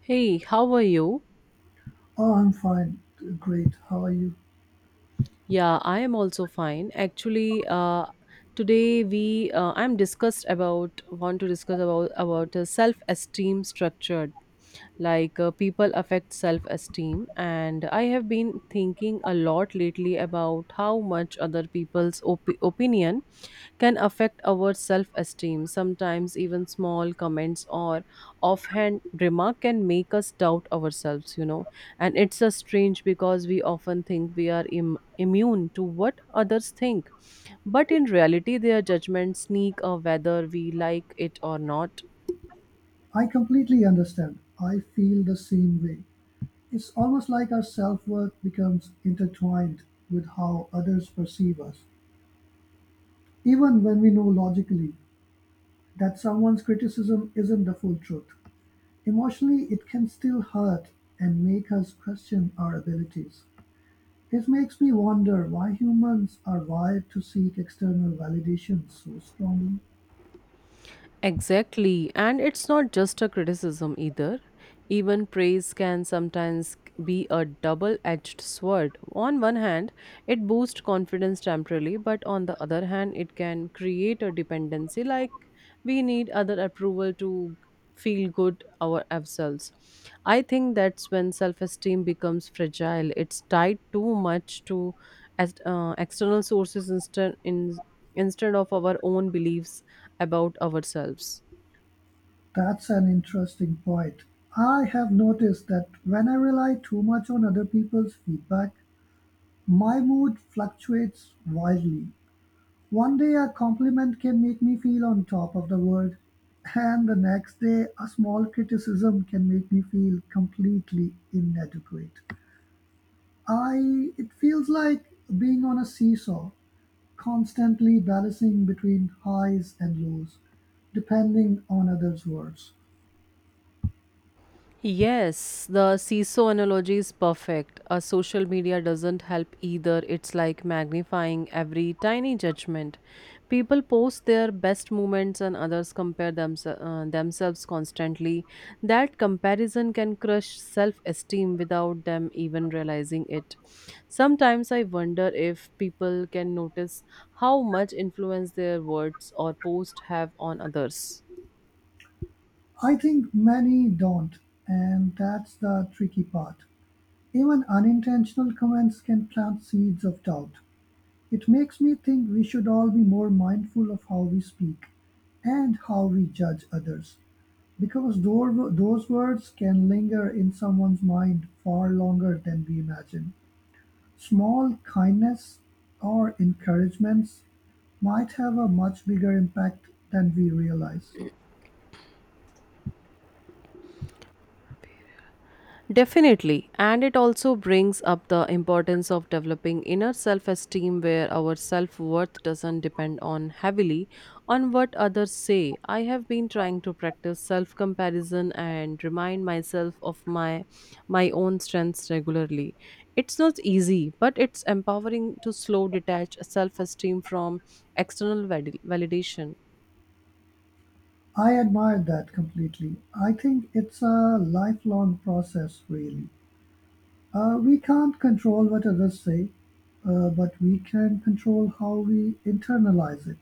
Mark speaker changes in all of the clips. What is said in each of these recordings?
Speaker 1: Hey, how are you?
Speaker 2: Oh, I'm fine. Great. How are you?
Speaker 1: Yeah, I am also fine. Actually, today we I'm discussed about want to discuss about self-esteem structured, like people affect self-esteem, and I have been thinking a lot lately about how much other people's opinion can affect our self esteem. Sometimes, even small comments or offhand remark can make us doubt ourselves, you know. And it's a strange because we often think we are immune to what others think. But in reality, their judgments sneak a whether we like it or not.
Speaker 2: I completely understand. I feel the same way. It's almost like our self worth becomes intertwined with how others perceive us, even when we know logically that someone's criticism isn't the full truth. Emotionally, it can still hurt and make us question our abilities. It makes me wonder why humans are wired to seek external validation so strongly.
Speaker 1: Exactly. And it's not just a criticism either. Even praise can sometimes be a double edged sword. On one hand, it boosts confidence temporarily, but on the other hand, it can create a dependency like we need other approval to feel good our ourselves. I think that's when self-esteem becomes fragile. It's tied too much to external sources instead of our own beliefs about ourselves.
Speaker 2: That's an interesting point. I have noticed that when I rely too much on other people's feedback, my mood fluctuates wildly. One day a compliment can make me feel on top of the world, and the next day a small criticism can make me feel completely inadequate. I It feels like being on a seesaw, constantly balancing between highs and lows, depending on others' words.
Speaker 1: Yes, the seesaw analogy is perfect. A social media doesn't help either. It's like magnifying every tiny judgment. People post their best moments and others compare themselves constantly. That comparison can crush self esteem without them even realizing it. Sometimes I wonder if people can notice how much influence their words or posts have on others.
Speaker 2: I think many don't, and that's the tricky part. Even unintentional comments can plant seeds of doubt. It makes me think we should all be more mindful of how we speak and how we judge others, because those words can linger in someone's mind far longer than we imagine. Small kindness or encouragements might have a much bigger impact than we realize.
Speaker 1: Definitely, and it also brings up the importance of developing inner self esteem where our self worth doesn't depend on heavily on what others say. I have been trying to practice self comparison and remind myself of my own strengths regularly. It's not easy, but it's empowering to slow detach self esteem from external validation.
Speaker 2: I admire that completely. I think it's a lifelong process, really. We can't control what others say, but we can control how we internalize it.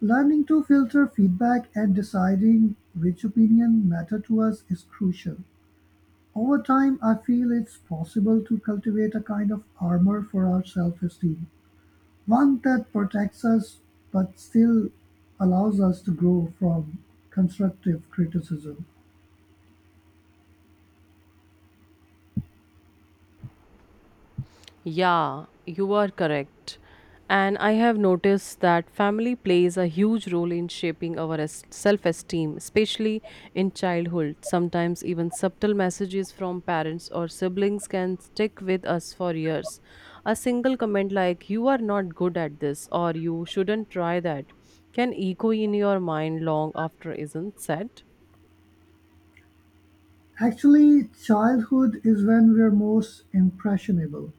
Speaker 2: Learning to filter feedback and deciding which opinion matter to us is crucial. Over time, I feel it's possible to cultivate a kind of armor for our self esteem, one that protects us but still allows us to grow from constructive criticism.
Speaker 1: Yeah, you are correct. And I have noticed that family plays a huge role in shaping our self esteem, especially in childhood. Sometimes, even subtle messages from parents or siblings can stick with us for years. A single comment like, "You are not good at this," or "You shouldn't try that," can echo in your mind long after isn't said.
Speaker 2: Actually, childhood is when we're most impressionable.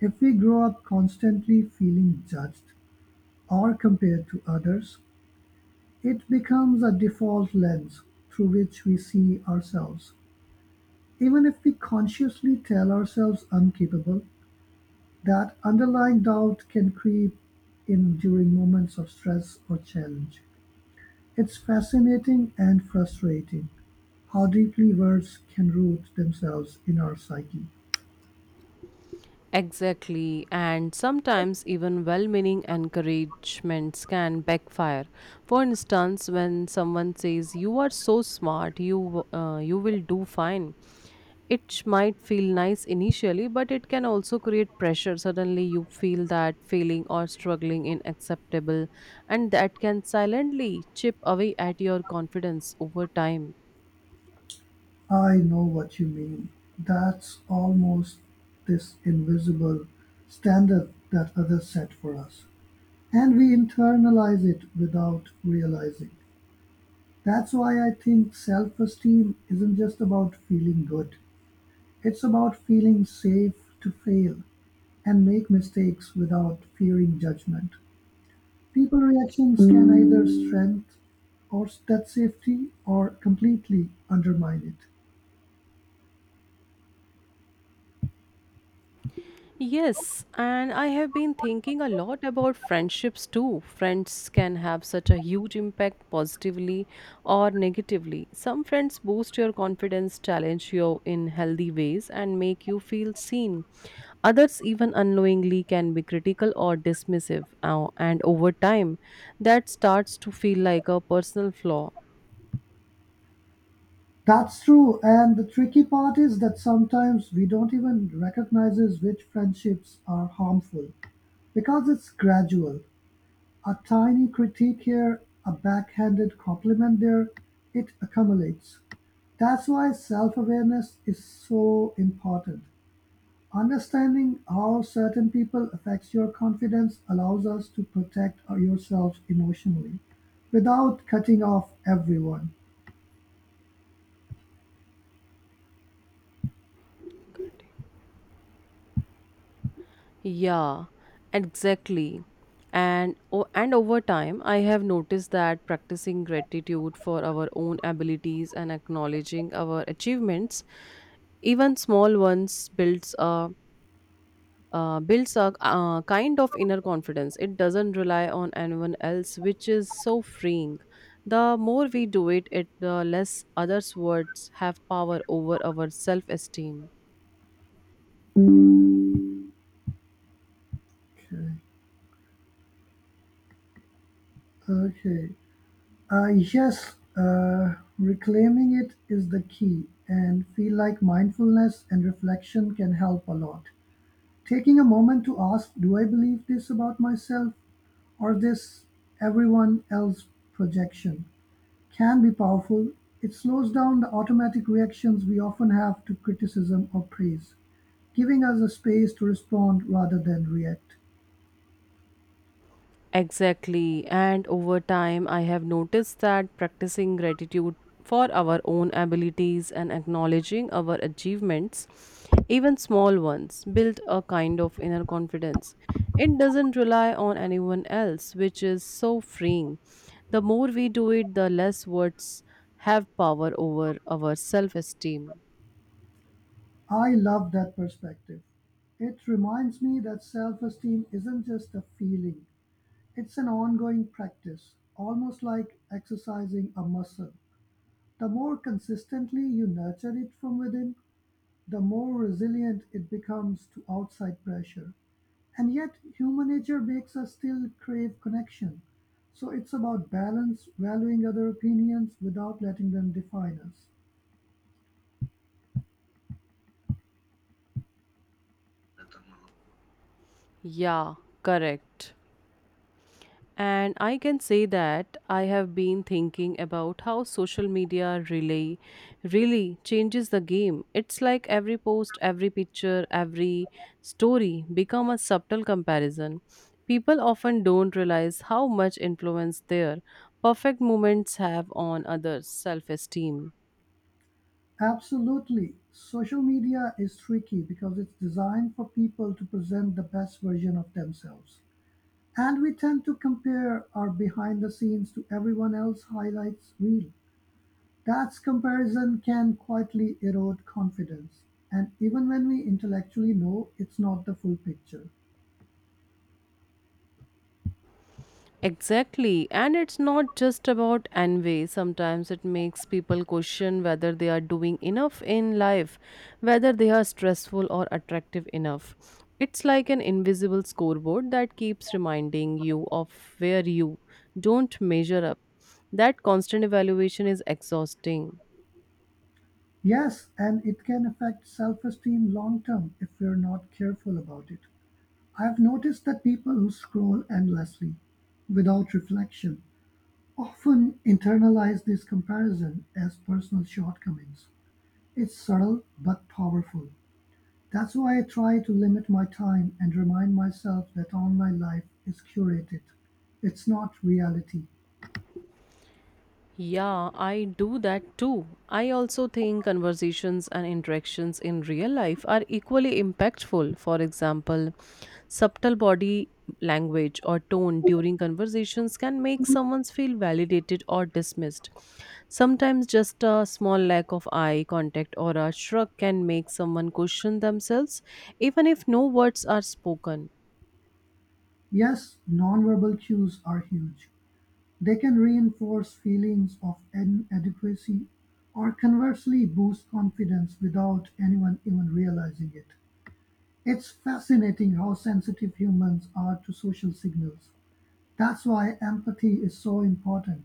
Speaker 2: If we grow up constantly feeling judged or compared to others, it becomes a default lens through which we see ourselves. Even if we consciously tell ourselves incapable, that underlying doubt can creep in during moments of stress or challenge. It's fascinating and frustrating how deeply words can root themselves in our psyche.
Speaker 1: Exactly, and sometimes even well meaning encouragements can backfire. For instance, when someone says, "You are so smart, you will do fine," it might feel nice initially, but it can also create pressure. Suddenly, you feel that failing or struggling in acceptable, and that can silently chip away at your confidence over time.
Speaker 2: I know what you mean. That's almost this invisible standard that others set for us. And we internalize it without realizing. That's why I think self esteem isn't just about feeling good, it's about feeling safe to fail and make mistakes without fearing judgment. People reactions can either strengthen or that safety or completely undermine it.
Speaker 1: Yes, and I have been thinking a lot about friendships too. Friends can have such a huge impact positively or negatively. Some friends boost your confidence, challenge you in healthy ways, and make you feel seen. Others, even unknowingly, can be critical or dismissive, and over time, that starts to feel like a personal flaw.
Speaker 2: That's true, and the tricky part is that sometimes we don't even recognize which friendships are harmful because it's gradual. A tiny critique here, a backhanded compliment there, it accumulates. That's why self awareness is so important. Understanding how certain people affects your confidence allows us to protect yourself emotionally without cutting off everyone.
Speaker 1: Yeah, exactly. And over time, I have noticed that practicing gratitude for our own abilities and acknowledging our achievements, even small ones, builds a kind of inner confidence. It doesn't rely on anyone else, which is so freeing. The more we do it, the less others' words have power over our self-esteem.
Speaker 2: Okay, okay. Yes, reclaiming it is the key, and feel like mindfulness and reflection can help a lot. Taking a moment to ask, do I believe this about myself or this everyone else projection can be powerful. It slows down the automatic reactions we often have to criticism or praise, giving us a space to respond rather than react.
Speaker 1: Exactly. And over time, I have noticed that practicing gratitude for our own abilities and acknowledging our achievements, even small ones, build a kind of inner confidence. It doesn't rely on anyone else, which is so freeing. The more we do it, the less words have power over our self esteem.
Speaker 2: I love that perspective. It reminds me that self esteem isn't just a feeling, it's an ongoing practice, almost like exercising a muscle. The more consistently you nurture it from within, the more resilient it becomes to outside pressure. And yet, human nature makes us still crave connection. So it's about balance, valuing other opinions without letting them define us.
Speaker 1: Yeah, correct. And I can say that I have been thinking about how social media really changes the game. It's like every post, every picture, every story become a subtle comparison. People often don't realize how much influence their perfect moments have on others' self-esteem.
Speaker 2: Absolutely. Social media is tricky because it's designed for people to present the best version of themselves. And we tend to compare our behind the scenes to everyone else's highlights reel. That comparison can quietly erode confidence. And even when we intellectually know it's not the full picture.
Speaker 1: Exactly. And it's not just about envy. Sometimes it makes people question whether they are doing enough in life, whether they are stressful or attractive enough. It's like an invisible scoreboard that keeps reminding you of where you don't measure up. That constant evaluation is exhausting.
Speaker 2: Yes, and it can affect self esteem long term if we're not careful about it. I've noticed that people who scroll endlessly without reflection often internalize this comparison as personal shortcomings. It's subtle but powerful. That's why I try to limit my time and remind myself that online life is curated. It's not reality.
Speaker 1: Yeah, I do that too. I also think conversations and interactions in real life are equally impactful. For example, subtle body language or tone during conversations can make someone feel validated or dismissed. Sometimes just a small lack of eye contact or a shrug can make someone question themselves, even if no words are spoken.
Speaker 2: Yes, nonverbal cues are huge. They can reinforce feelings of inadequacy or conversely boost confidence without anyone even realizing it. It's fascinating how sensitive humans are to social signals. That's why empathy is so important.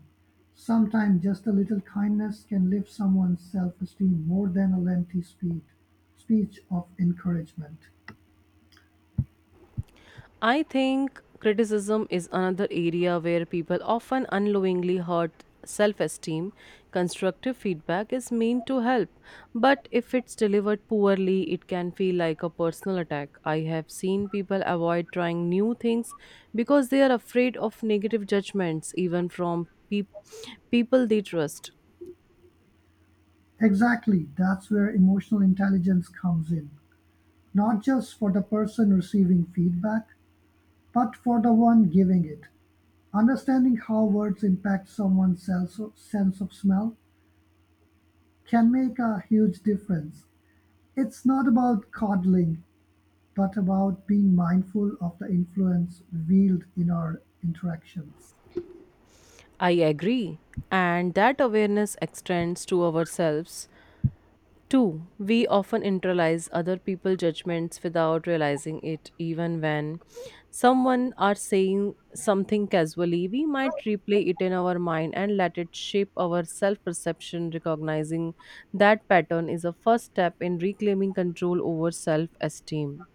Speaker 2: Sometimes just a little kindness can lift someone's self-esteem more than a lengthy speech of encouragement.
Speaker 1: I think criticism is another area where people often unknowingly hurt self esteem. Constructive feedback is meant to help, but if it's delivered poorly, it can feel like a personal attack. I have seen people avoid trying new things because they are afraid of negative judgments, even from people they trust.
Speaker 2: Exactly, that's where emotional intelligence comes in. Not just for the person receiving feedback, but for the one giving it. Understanding how words impact someone's sense of smell can make a huge difference. It's not about coddling, but about being mindful of the influence wield in our interactions.
Speaker 1: I agree. And that awareness extends to ourselves. Two, we often internalize other people's judgments without realizing it, even when someone are saying something casually, we might replay it in our mind and let it shape our self perception. Recognizing that pattern is a first step in reclaiming control over self esteem.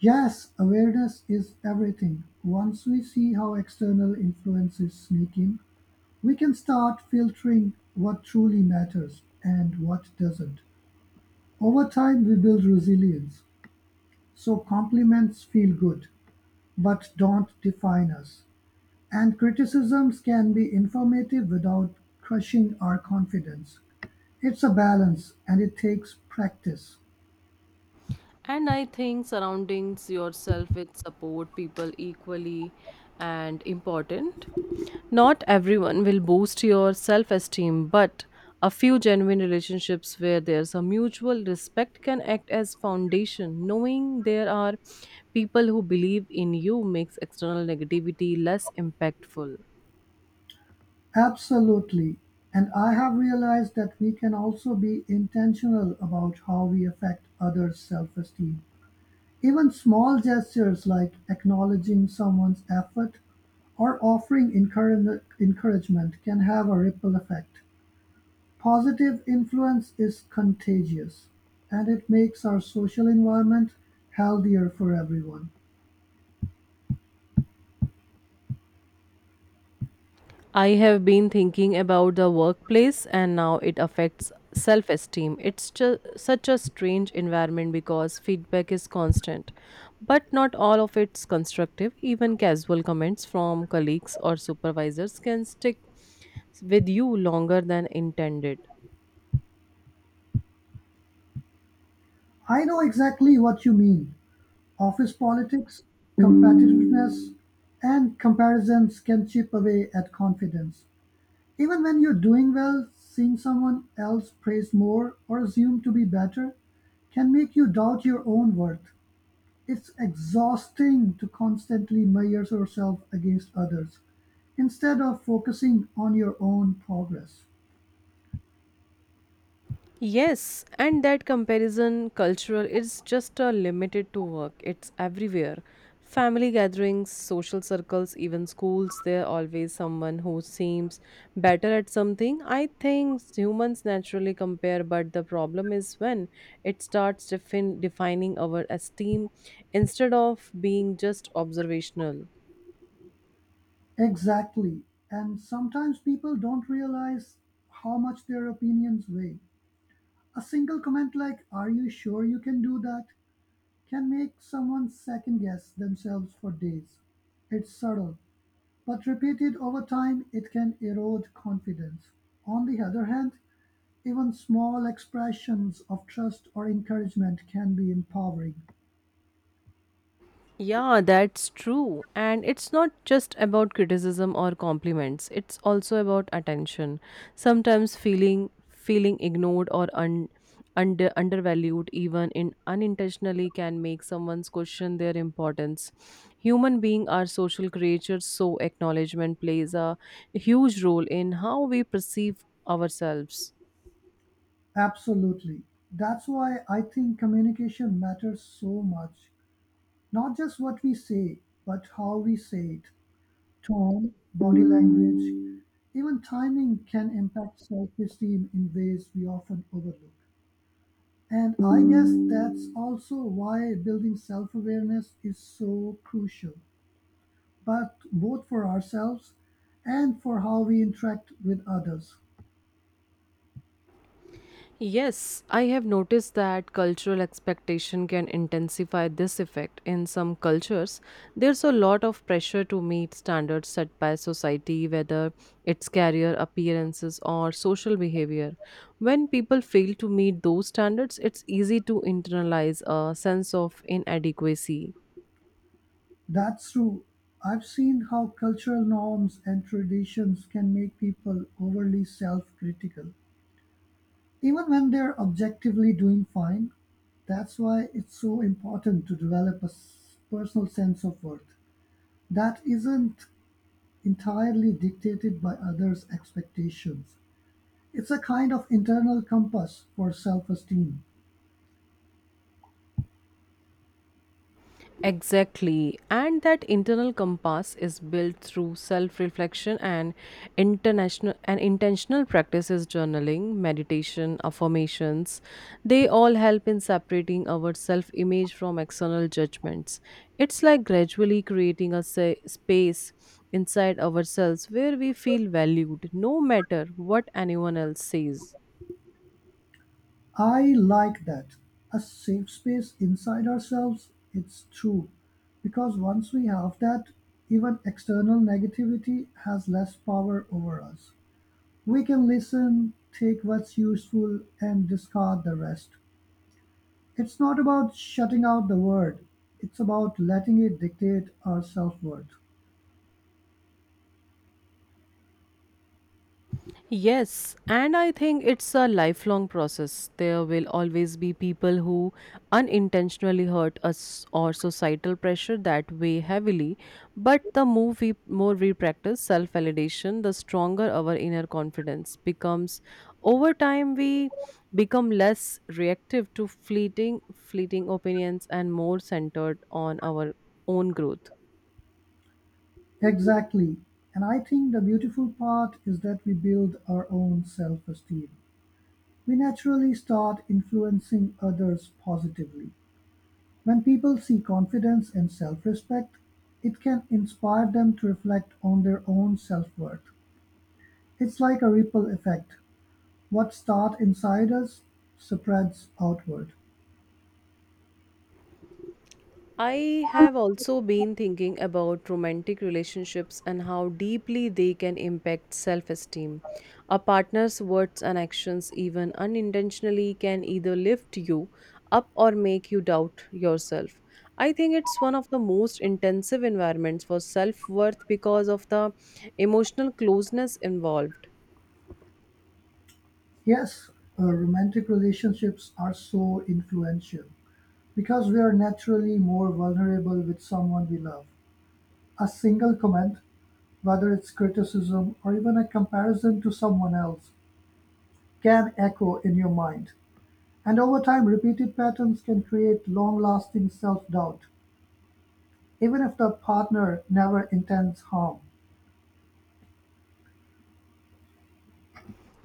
Speaker 2: Yes, awareness is everything. Once we see how external influences sneak in, we can start filtering what truly matters and what doesn't. Over time, we build resilience. So, compliments feel good, but don't define us. And criticisms can be informative without crushing our confidence. It's a balance and it takes practice.
Speaker 1: And I think surroundings yourself with support people equally and important. Not everyone will boost your self esteem, but a few genuine relationships where there's a mutual respect can act as foundation. Knowing there are people who believe in you makes external negativity less impactful.
Speaker 2: Absolutely, and I have realized that we can also be intentional about how we affect others' self esteem. Even small gestures like acknowledging someone's effort or offering encouragement can have a ripple effect. Positive influence is contagious and it makes our social environment healthier for everyone.
Speaker 1: I have been thinking about the workplace and now it affects self esteem. It's just such a strange environment because feedback is constant, but not all of it's constructive. Even casual comments from colleagues or supervisors can stick with you longer than intended.
Speaker 2: I know exactly what you mean. Office politics, competitiveness, and comparisons can chip away at confidence. Even when you're doing well, seeing someone else praised more or assumed to be better can make you doubt your own worth. It's exhausting to constantly measure yourself against others instead of focusing on your own progress.
Speaker 1: Yes, and that comparison cultural is just limited to work. It's everywhere. Family gatherings, social circles, even schools, there always someone who seems better at something. I think humans naturally compare, but the problem is when it starts defining our esteem instead of being just observational.
Speaker 2: Exactly. And sometimes people don't realize how much their opinions weigh. A single comment like, are you sure you can do that? Can make someone second guess themselves for days. It's subtle, but repeated over time, it can erode confidence. On the other hand, even small expressions of trust or encouragement can be empowering.
Speaker 1: Yeah, that's true. And it's not just about criticism or compliments. It's also about attention. Sometimes feeling ignored or undervalued even in unintentionally can make someone's question their importance. Human beings are social creatures, so acknowledgement plays a huge role in how we perceive ourselves.
Speaker 2: Absolutely. That's why I think communication matters so much. Not just what we say, but how we say it. Tone, body language, even timing can impact self esteem in ways we often overlook. And I guess that's also why building self awareness is so crucial, but both for ourselves and for how we interact with others.
Speaker 1: Yes, I have noticed that cultural expectation can intensify this effect. In some cultures, there's a lot of pressure to meet standards set by society, whether it's career appearances or social behavior. When people fail to meet those standards, it's easy to internalize a sense of inadequacy.
Speaker 2: That's true. I've seen how cultural norms and traditions can make people overly self critical, even when they're objectively doing fine, that's why it's so important to develop a personal sense of worth that isn't entirely dictated by others' expectations. It's a kind of internal compass for self esteem.
Speaker 1: Exactly. And that internal compass is built through self-reflection and international and intentional practices journaling, meditation, affirmations. They all help in separating our self-image from external judgments. It's like gradually creating a space inside ourselves where we feel valued no matter what anyone else says.
Speaker 2: I like that. A safe space inside ourselves, it's true. Because once we have that, even external negativity has less power over us. We can listen, take what's useful, and discard the rest. It's not about shutting out the word, it's about letting it dictate our self worth.
Speaker 1: Yes, and I think it's a lifelong process. There will always be people who unintentionally hurt us or societal pressure that weigh heavily. But more we practice self validation, the stronger our inner confidence becomes. Over time, we become less reactive to fleeting opinions and more centered on our own growth.
Speaker 2: Exactly. And I think the beautiful part is that we build our own self esteem. We naturally start influencing others positively. When people see confidence and self respect, it can inspire them to reflect on their own self worth. It's like a ripple effect. What starts inside us spreads outward.
Speaker 1: I have also been thinking about romantic relationships and how deeply they can impact self esteem. A partner's words and actions, even unintentionally, can either lift you up or make you doubt yourself. I think it's one of the most intensive environments for self worth because of the emotional closeness involved.
Speaker 2: Yes, romantic relationships are so influential because we are naturally more vulnerable with someone we love. A single comment, whether it's criticism or even a comparison to someone else, can echo in your mind. And over time, repeated patterns can create long lasting self doubt, even if the partner never intends harm.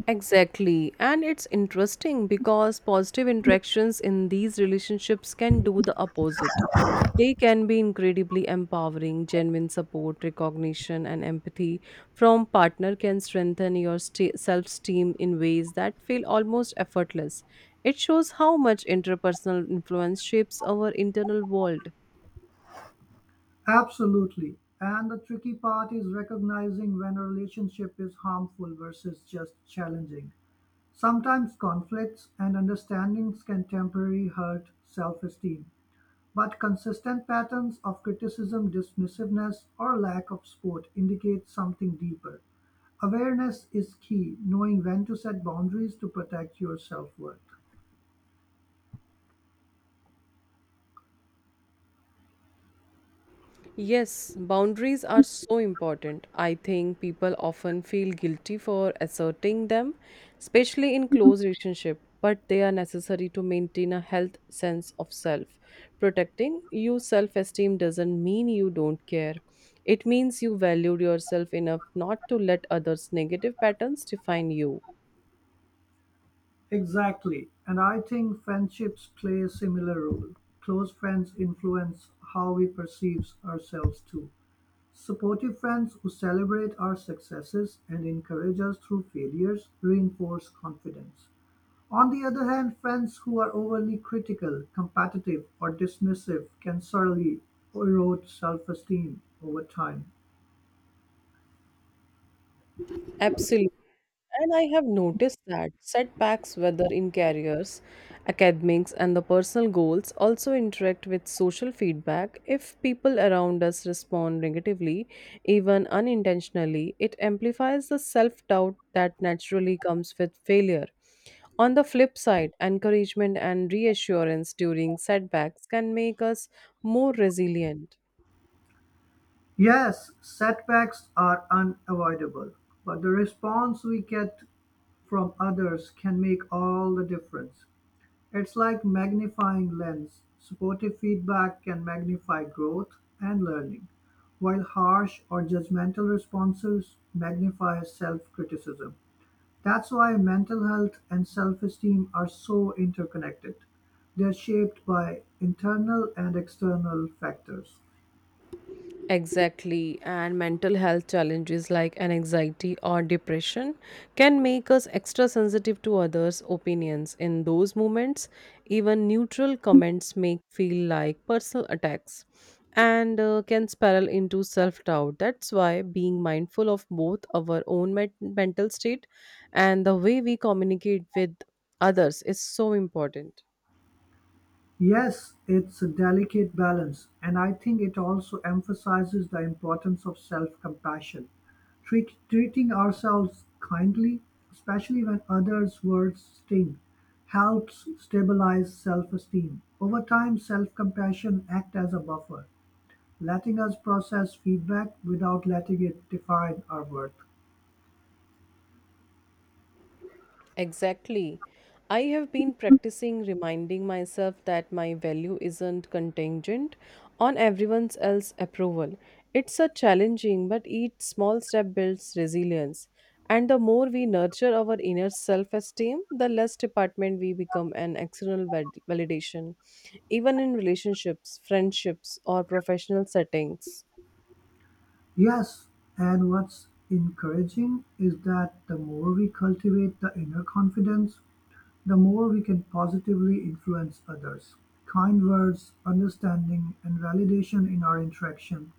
Speaker 1: Exactly. And it's interesting because positive interactions in these relationships can do the opposite. They can be incredibly empowering, genuine support, recognition, and empathy from partner can strengthen your self-esteem in ways that feel almost effortless. It shows how much interpersonal influence shapes our internal world.
Speaker 2: Absolutely. And the tricky part is recognizing when a relationship is harmful versus just challenging. Sometimes conflicts and understandings can temporarily hurt self esteem, but consistent patterns of criticism, dismissiveness, or lack of support indicate something deeper. Awareness is key, knowing when to set boundaries to protect your self worth.
Speaker 1: Yes, boundaries are so important. I think people often feel guilty for asserting them, especially in close relationship, but they are necessary to maintain a health sense of self. Protecting your self-esteem doesn't mean you don't care. It means you valued yourself enough not to let others' negative patterns define you.
Speaker 2: Exactly, and I think friendships play a similar role. Close friends influence how we perceive ourselves too. Supportive friends who celebrate our successes and encourage us through failures reinforce confidence. On the other hand, friends who are overly critical, competitive, or dismissive can certainly erode self esteem over time.
Speaker 1: Absolutely. And I have noticed that setbacks, whether in careers, academics, and the personal goals, also interact with social feedback. If people around us respond negatively, even unintentionally, it amplifies the self doubt that naturally comes with failure. On the flip side, encouragement and reassurance during setbacks can make us more resilient.
Speaker 2: Yes, setbacks are unavoidable, but the response we get from others can make all the difference. It's like magnifying lens. Supportive feedback can magnify growth and learning, while harsh or judgmental responses magnify self-criticism. That's why mental health and self-esteem are so interconnected. They're shaped by internal and external factors.
Speaker 1: Exactly, and mental health challenges like anxiety or depression can make us extra sensitive to others' opinions. In those moments, even neutral comments make feel like personal attacks and can spiral into self doubt. That's why being mindful of both our own mental state and the way we communicate with others is so important.
Speaker 2: Yes, it's a delicate balance, and I think it also emphasizes the importance of self compassion. Treating ourselves kindly, especially when others' words sting, helps stabilize self esteem. Over time, self compassion acts as a buffer, letting us process feedback without letting it define our worth.
Speaker 1: Exactly. I have been practicing reminding myself that my value isn't contingent on everyone else's approval. It's a challenging, but each small step builds resilience. And the more we nurture our inner self esteem, the less department we become an external validation, even in relationships, friendships, or professional settings.
Speaker 2: Yes, and what's encouraging is that the more we cultivate the inner confidence, the more we can positively influence others, kind words, understanding, and validation in our interaction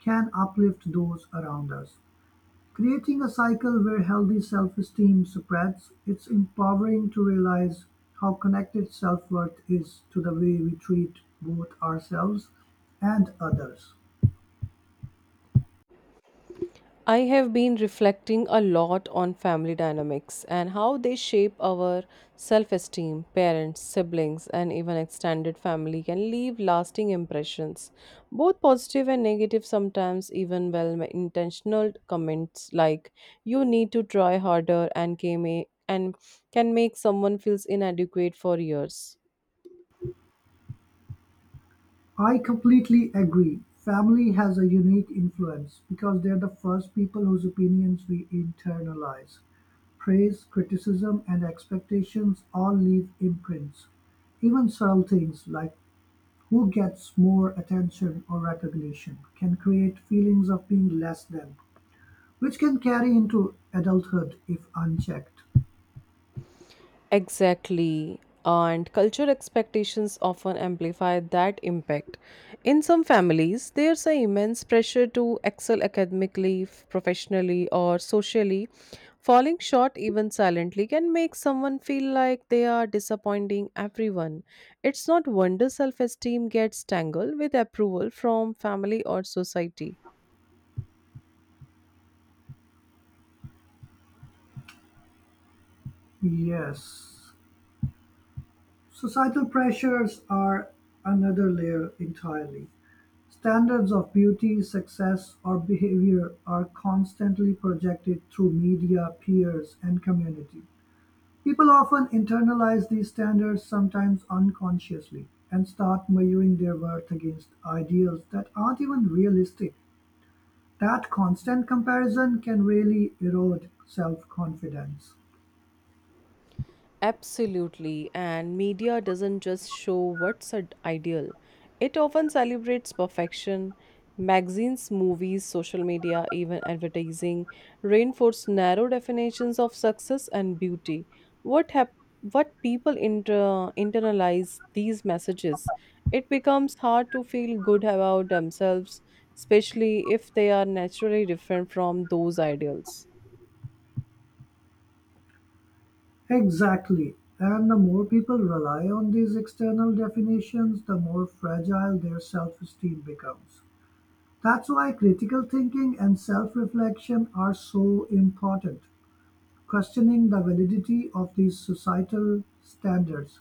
Speaker 2: can uplift those around us. Creating a cycle where healthy self esteem spreads, it's empowering to realize how connected self worth is to the way we treat both ourselves and others.
Speaker 1: I have been reflecting a lot on family dynamics and how they shape our self esteem. Parents, siblings, and even extended family can leave lasting impressions, both positive and negative, sometimes even well intentioned comments like, "You need to try harder," and can make someone feels inadequate for years.
Speaker 2: I completely agree. Family has a unique influence because they're the first people whose opinions we internalize. Praise, criticism, and expectations all leave imprints; even subtle things like who gets more attention or recognition can create feelings of being less than, which can carry into adulthood if unchecked.
Speaker 1: Exactly. And culture expectations often amplify that impact. In some families, there's an immense pressure to excel academically, professionally, or socially. Falling short, even silently, can make someone feel like they are disappointing everyone. It's not wonder self esteem gets tangled with approval from family or society.
Speaker 2: Yes. Societal pressures are another layer entirely. Standards of beauty, success, or behavior are constantly projected through media, peers, and community. People often internalize these standards, sometimes unconsciously, and start measuring their worth against ideals that aren't even realistic. That constant comparison can really erode self confidence.
Speaker 1: Absolutely, and media doesn't just show what's ideal, it often celebrates perfection. Magazines, movies, social media, even advertising reinforce narrow definitions of success and beauty. What hap- what people internalize these messages, it becomes hard to feel good about themselves, especially if they are naturally different from those ideals.
Speaker 2: Exactly. And the more people rely on these external definitions, the more fragile their self esteem becomes. That's why critical thinking and self reflection are so important. Questioning the validity of these societal standards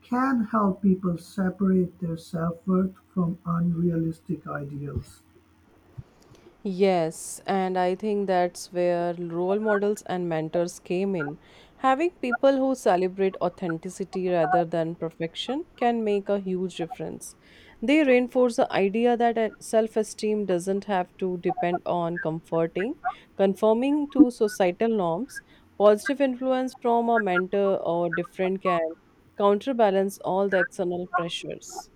Speaker 2: can help people separate their self-worth from unrealistic ideals.
Speaker 1: Yes, and I think that's where role models and mentors came in. Having people who celebrate authenticity rather than perfection can make a huge difference. They reinforce the idea that self esteem doesn't have to depend on conforming to societal norms. Positive influence from a mentor or different can counterbalance all the external pressures.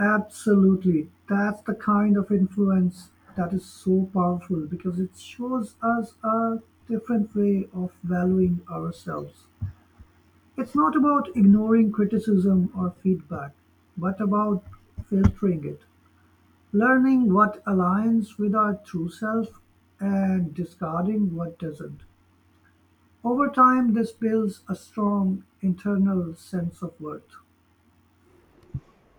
Speaker 2: Absolutely. That's the kind of influence that is so powerful because it shows us a different way of valuing ourselves. It's not about ignoring criticism or feedback, but about filtering it. Learning what aligns with our true self and discarding what doesn't. Over time, this builds a strong internal sense of worth.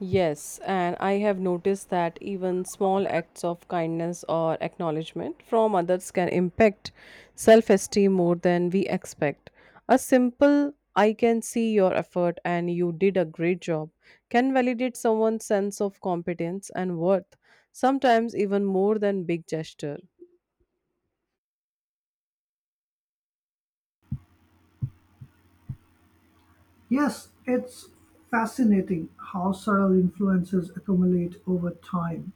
Speaker 1: Yes, and I have noticed that even small acts of kindness or acknowledgement from others can impact self esteem more than we expect. A simple, "I can see your effort and you did a great job," can validate someone's sense of competence and worth, sometimes even more than big gesture.
Speaker 2: Yes, it's fascinating how subtle influences accumulate over time.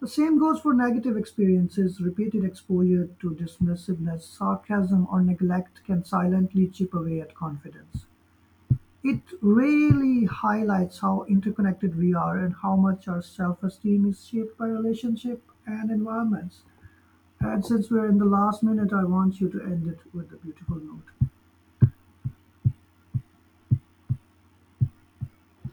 Speaker 2: The same goes for negative experiences. Repeated exposure to dismissiveness, sarcasm, or neglect can silently chip away at confidence. It really highlights how interconnected we are and how much our self-esteem is shaped by relationship and environments. And since we're in the last minute, I want you to end it with a beautiful note.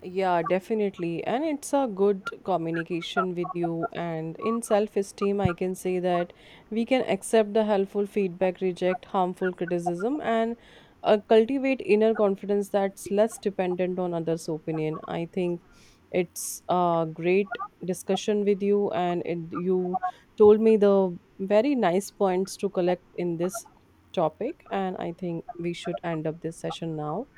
Speaker 1: Yeah, definitely. And it's a good communication with you. And in self esteem, I can say that we can accept the helpful feedback, reject harmful criticism, and cultivate inner confidence that's less dependent on others' opinion. I think it's a great discussion with you, and you told me the very nice points to collect in this topic. And I think we should end up this session now.